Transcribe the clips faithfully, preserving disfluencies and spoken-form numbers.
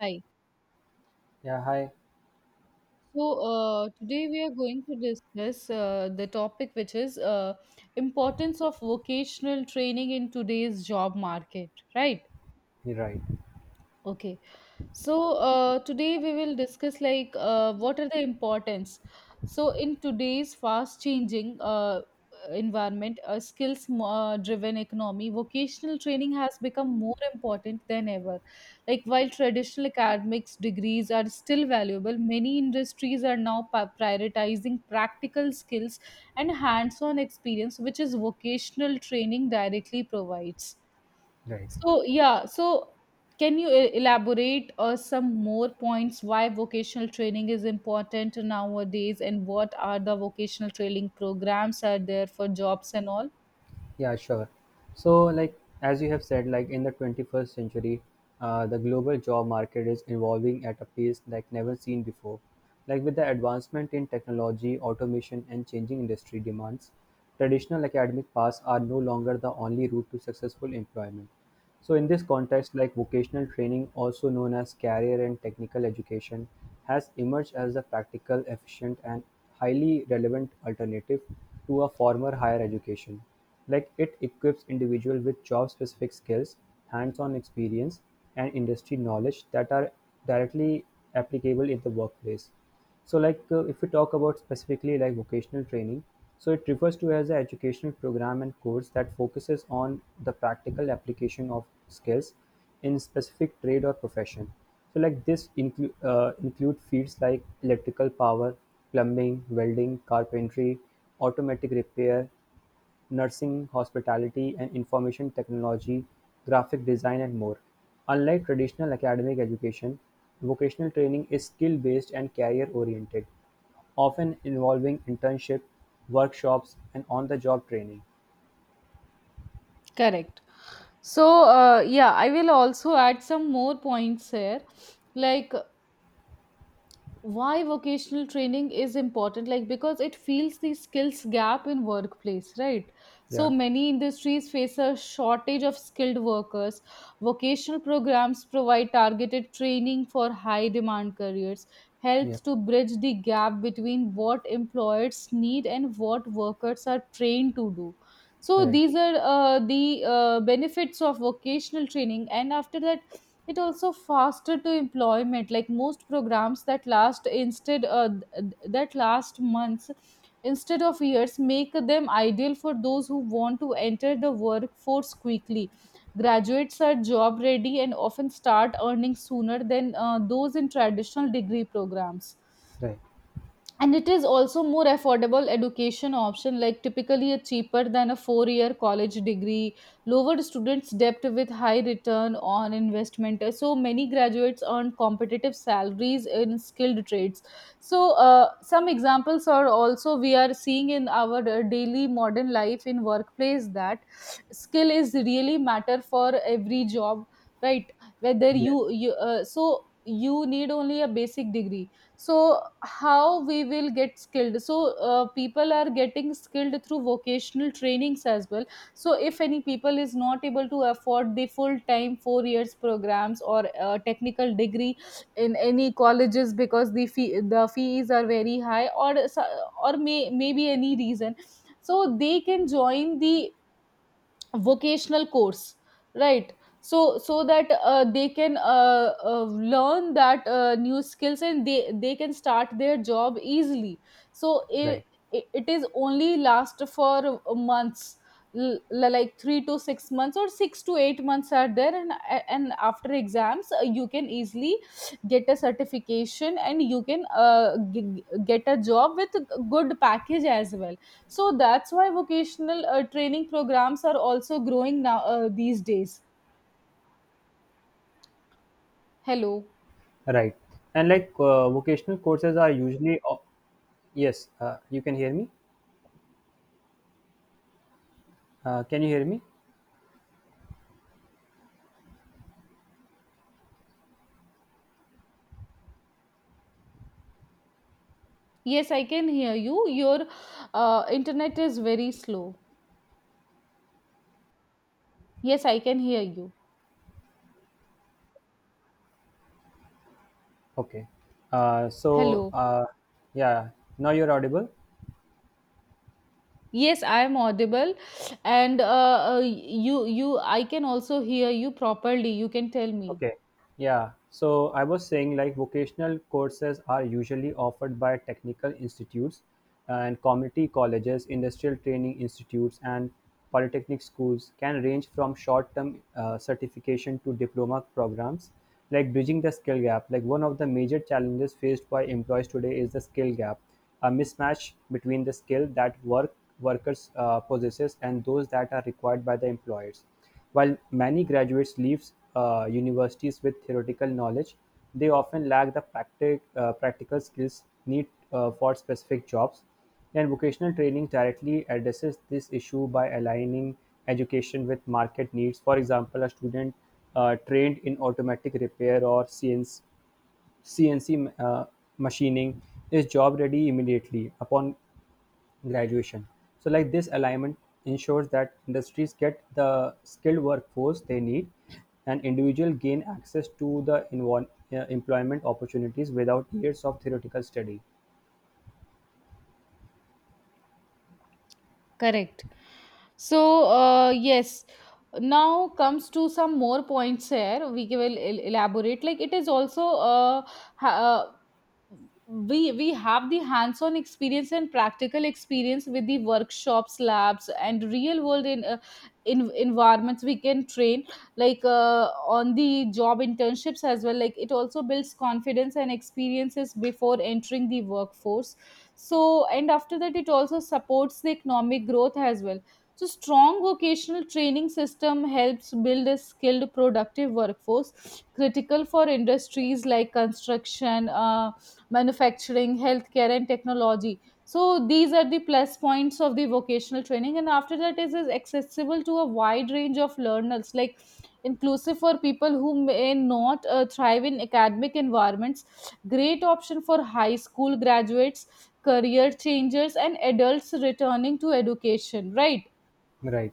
Hi. Yeah, hi. So uh, today we are going to discuss uh, the topic which is uh, importance of vocational training in today's job market, right? You're right. Okay. So, uh, today we will discuss, like uh, what are the importance. So in today's fast changing uh, environment, a skills mo- uh, driven economy, vocational training has become more important than ever. Like, while traditional academics degrees are still valuable, many industries are now pa- prioritizing practical skills and hands-on experience, which is vocational training directly provides. Right. So, yeah, so can you e- elaborate uh, some more points why vocational training is important nowadays, and what are the vocational training programs are there for jobs and all? Yeah, sure. So, like, as you have said, like, in the twenty-first century, uh, the global job market is evolving at a pace like never seen before. Like, with the advancement in technology, automation, and changing industry demands, traditional academic paths are no longer the only route to successful employment. So in this context, like vocational training, also known as career and technical education, has emerged as a practical, efficient, and highly relevant alternative to a former higher education. Like it equips individual with job-specific skills, hands-on experience, and industry knowledge that are directly applicable in the workplace. So, like uh, if we talk about specifically like vocational training, so it refers to as an educational program and course that focuses on the practical application of skills in specific trade or profession. So, like this include uh, include fields like electrical power, plumbing, welding, carpentry, automatic repair, nursing, hospitality and information technology, graphic design and more. Unlike traditional academic education, vocational training is skill-based and career-oriented, often involving internship, workshops and on-the-job training. Correct. So, uh, yeah, I will also add some more points here. Like, why vocational training is important, like because it fills the skills gap in workplace, right? So Yeah, many industries face a shortage of skilled workers. Vocational programs provide targeted training for high demand careers, yeah, helps to bridge the gap between what employers need and what workers are trained to do. So right, these are uh, the uh, benefits of vocational training, and after that, it also faster to employment, like most programs that last instead uh, th- that last months instead of years, make them ideal for those who want to enter the workforce quickly. Graduates are job ready and often start earning sooner than uh, those in traditional degree programs. right. And it is also more affordable education option, like typically a cheaper than a four year college degree, lowered students debt with high return on investment. So many graduates earn competitive salaries in skilled trades. So, uh, some examples are also we are seeing in our uh, daily modern life in workplace that skill is really matter for every job, right? Whether Yes, you, you uh, so you need only a basic degree. So how we will get skilled? So, uh, people are getting skilled through vocational trainings as well. So if any people is not able to afford the full time four years programs or uh, technical degree in any colleges, because the fee, the fees are very high, or so- or may maybe any reason, so they can join the vocational course, right? So so that uh, they can uh, uh, learn that uh, new skills, and they they can start their job easily. So it, right, it is only last for months, l- like three to six months or six to eight months are there. And and after exams, uh, you can easily get a certification, and you can uh, g- get a job with a good package as well. So that's why vocational uh, training programs are also growing now, uh, these days. Hello. right. And like uh, vocational courses are usually, o- yes, uh, you can hear me? Uh, can you hear me? Yes, I can hear you. Your uh, internet is very slow. Yes, I can hear you. Okay. Uh, so, Hello. uh, yeah, Now you're audible? Yes, I am audible, and uh, uh, you you I can also hear you properly. You can tell me. Okay. Yeah. So I was saying like vocational courses are usually offered by technical institutes and community colleges, industrial training institutes, and polytechnic schools can range from short term uh, certification to diploma programs, like bridging the skill gap. Like one of the major challenges faced by employees today is the skill gap, a mismatch between the skill that work workers uh, possesses and those that are required by the employers while many graduates leave uh, universities with theoretical knowledge, they often lack the practic, uh, practical skills needed uh, for specific jobs, and vocational training directly addresses this issue by aligning education with market needs. For example, a student uh, trained in automatic repair or C N C, uh, machining is job ready immediately upon graduation. So, like this alignment ensures that industries get the skilled workforce they need, and individuals gain access to the invo- uh, employment opportunities without years of theoretical study. Correct. So, uh, yes, now comes to some more points here. We will el- elaborate. Like it is also uh, ha- uh, we we have the hands-on experience and practical experience with the workshops, labs, and real-world in, uh, in environments. We can train, like uh, on the job internships as well. Like it also builds confidence and experiences before entering the workforce. So, and after that, it also supports the economic growth as well. So, strong vocational training system helps build a skilled, productive workforce, critical for industries like construction, uh, manufacturing, healthcare, and technology. So, these are the plus points of the vocational training. And after that, it is accessible to a wide range of learners, like inclusive for people who may not uh, thrive in academic environments. Great option for high school graduates, career changers, and adults returning to education, right? Right.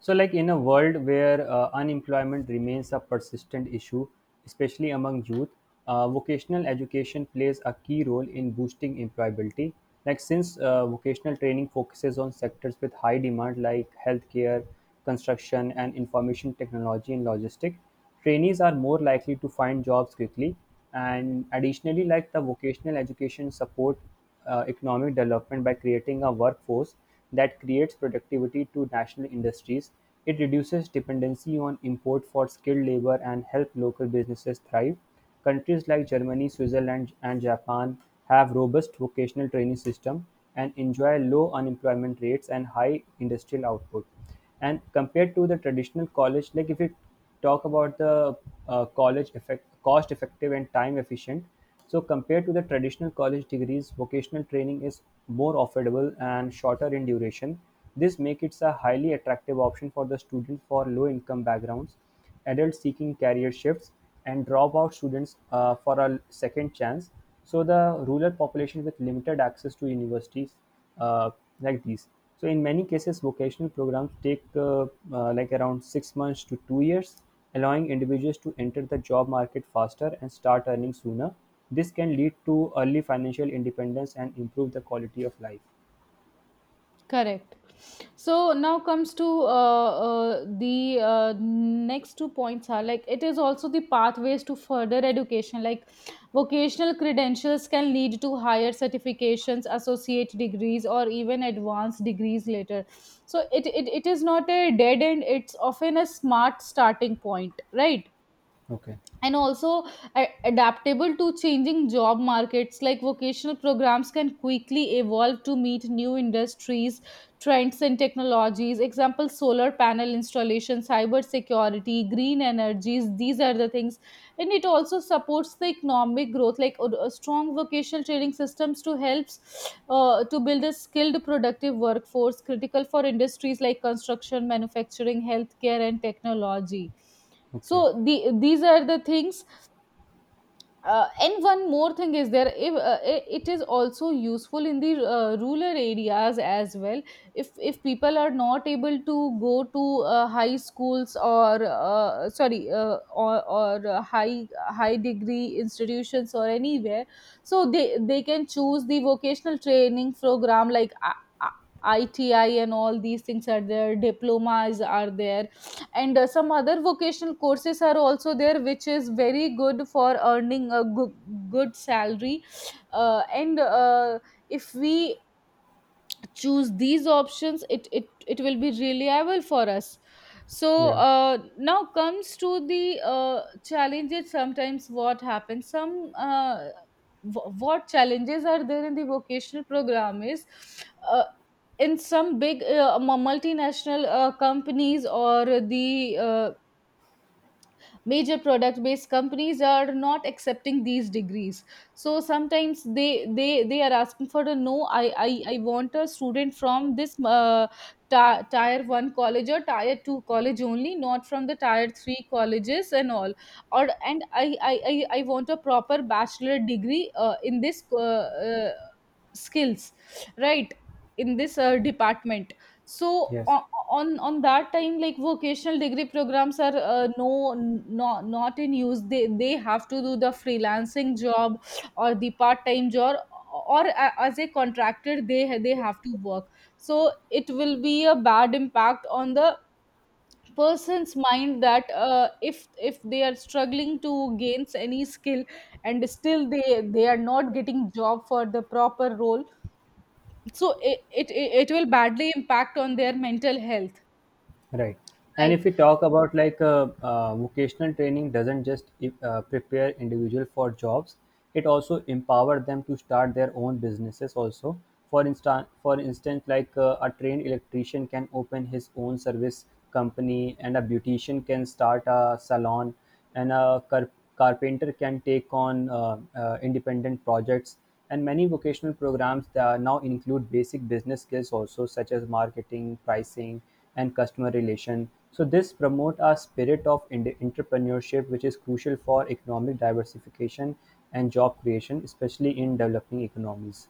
So, like in a world where uh, unemployment remains a persistent issue, especially among youth, uh, vocational education plays a key role in boosting employability. Like, since uh, vocational training focuses on sectors with high demand like healthcare, construction, and information technology and logistics, trainees are more likely to find jobs quickly, and additionally, like the vocational education support uh, economic development by creating a workforce that creates productivity to national industries. It reduces dependency on import for skilled labor and help local businesses thrive. Countries like Germany, Switzerland, and Japan have robust vocational training system and enjoy low unemployment rates and high industrial output and compared to the traditional college like if you talk about the uh, college effect, cost effective and time efficient. So compared to the traditional college degrees, vocational training is more affordable and shorter in duration. This makes it a highly attractive option for the students for low income backgrounds adults seeking career shifts, and dropout students uh, for a second chance. So the rural population with limited access to universities uh, like these. So in many cases, vocational programs take uh, uh, like around six months to two years, allowing individuals to enter the job market faster and start earning sooner. This can lead to early financial independence and improve the quality of life. Correct. So now comes to uh, uh, the uh, next two points, are like it is also the pathways to further education. Like vocational credentials can lead to higher certifications, associate degrees, or even advanced degrees later. So it, it, it is not a dead end, it's often a smart starting point, right? Okay. And also a- adaptable to changing job markets, like vocational programs can quickly evolve to meet new industries trends and technologies. Example, solar panel installation, cyber security, green energies, these are the things. And it also supports the economic growth, like a a strong vocational training systems to helps uh, to build a skilled productive workforce, critical for industries like construction, manufacturing, healthcare, and technology. Okay. So the, these are the things. Uh, and one more thing is there, if uh, i- it is also useful in the uh, rural areas as well. If if people are not able to go to uh, high schools, or uh, sorry uh, or, or uh, high high degree institutions or anywhere, so they they can choose the vocational training program, like I- I- ITI and all these things are there, diplomas are there. And uh, some other vocational courses are also there, which is very good for earning a good, good salary. Uh, and uh, if we choose these options, it, it it will be reliable for us. So, Yeah. uh, now comes to the uh, challenges. Sometimes what happens, some uh, wh- what challenges are there in the vocational program is, uh, in some big uh, mu- multinational uh, companies, or the uh, major product based companies are not accepting these degrees. So sometimes they they they are asking for a, no, i i, I want a student from this uh, ti- tier one college or tier two college only, not from the tier three colleges and all. Or and i i i, I want a proper bachelor degree uh, in this uh, uh, skills, right, in this uh, department. So Yes. on on on that time, like vocational degree programs are uh, no not not in use. They they have to do the freelancing job or the part time job, or a- as a contractor they ha- they have to work. So it will be a bad impact on the person's mind, that uh, if if they are struggling to gain any skill and still they they are not getting job for the proper role. So it it it will badly impact on their mental health. Right. And Right. if we talk about like uh, uh, vocational training doesn't just uh, prepare individual for jobs, it also empower them to start their own businesses also. For instance, for instance, like uh, a trained electrician can open his own service company and a beautician can start a salon and a car- carpenter can take on uh, uh, independent projects and many vocational programs that now include basic business skills also such as marketing pricing and customer relation so this promote a spirit of ind- entrepreneurship which is crucial for economic diversification and job creation especially in developing economies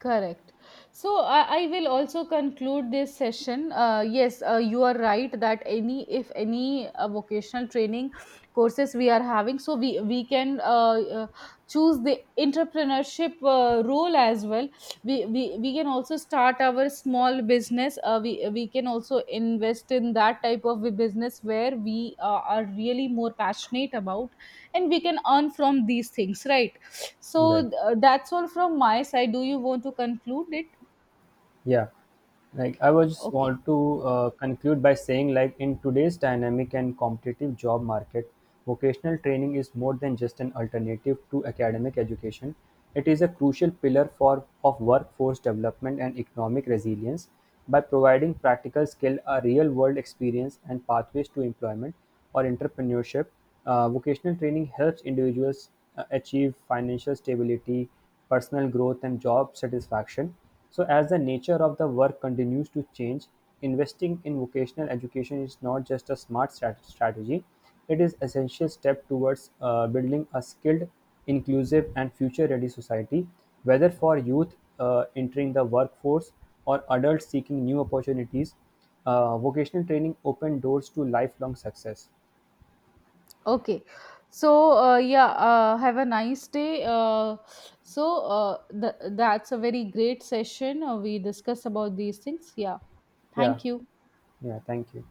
Correct. So I, I will also conclude this session. Uh, yes, uh, you are right that any if any uh, vocational training courses we are having, so we we can uh, uh, choose the entrepreneurship uh, role as well. We, we we can also start our small business. Uh, we we can also invest in that type of a business where we uh, are really more passionate about, and we can earn from these things, right? right. So th- that's all from my side. Do you want to conclude it? Yeah, like I was just Okay. want to uh, conclude by saying, like in today's dynamic and competitive job market, vocational training is more than just an alternative to academic education. It is a crucial pillar for of workforce development and economic resilience. By providing practical skill, a real-world experience, and pathways to employment or entrepreneurship, uh, vocational training helps individuals uh, achieve financial stability personal growth and job satisfaction. So as the nature of the work continues to change, investing in vocational education is not just a smart strat- strategy, it is essential step towards uh, building a skilled, inclusive and future-ready society, whether for youth uh, entering the workforce or adults seeking new opportunities. Uh, vocational training open doors to lifelong success. Okay. So, uh, yeah, uh, have a nice day. Uh, so uh, th- that's a very great session. Uh, we discussed about these things. Yeah. Yeah, Thank you. yeah, thank you.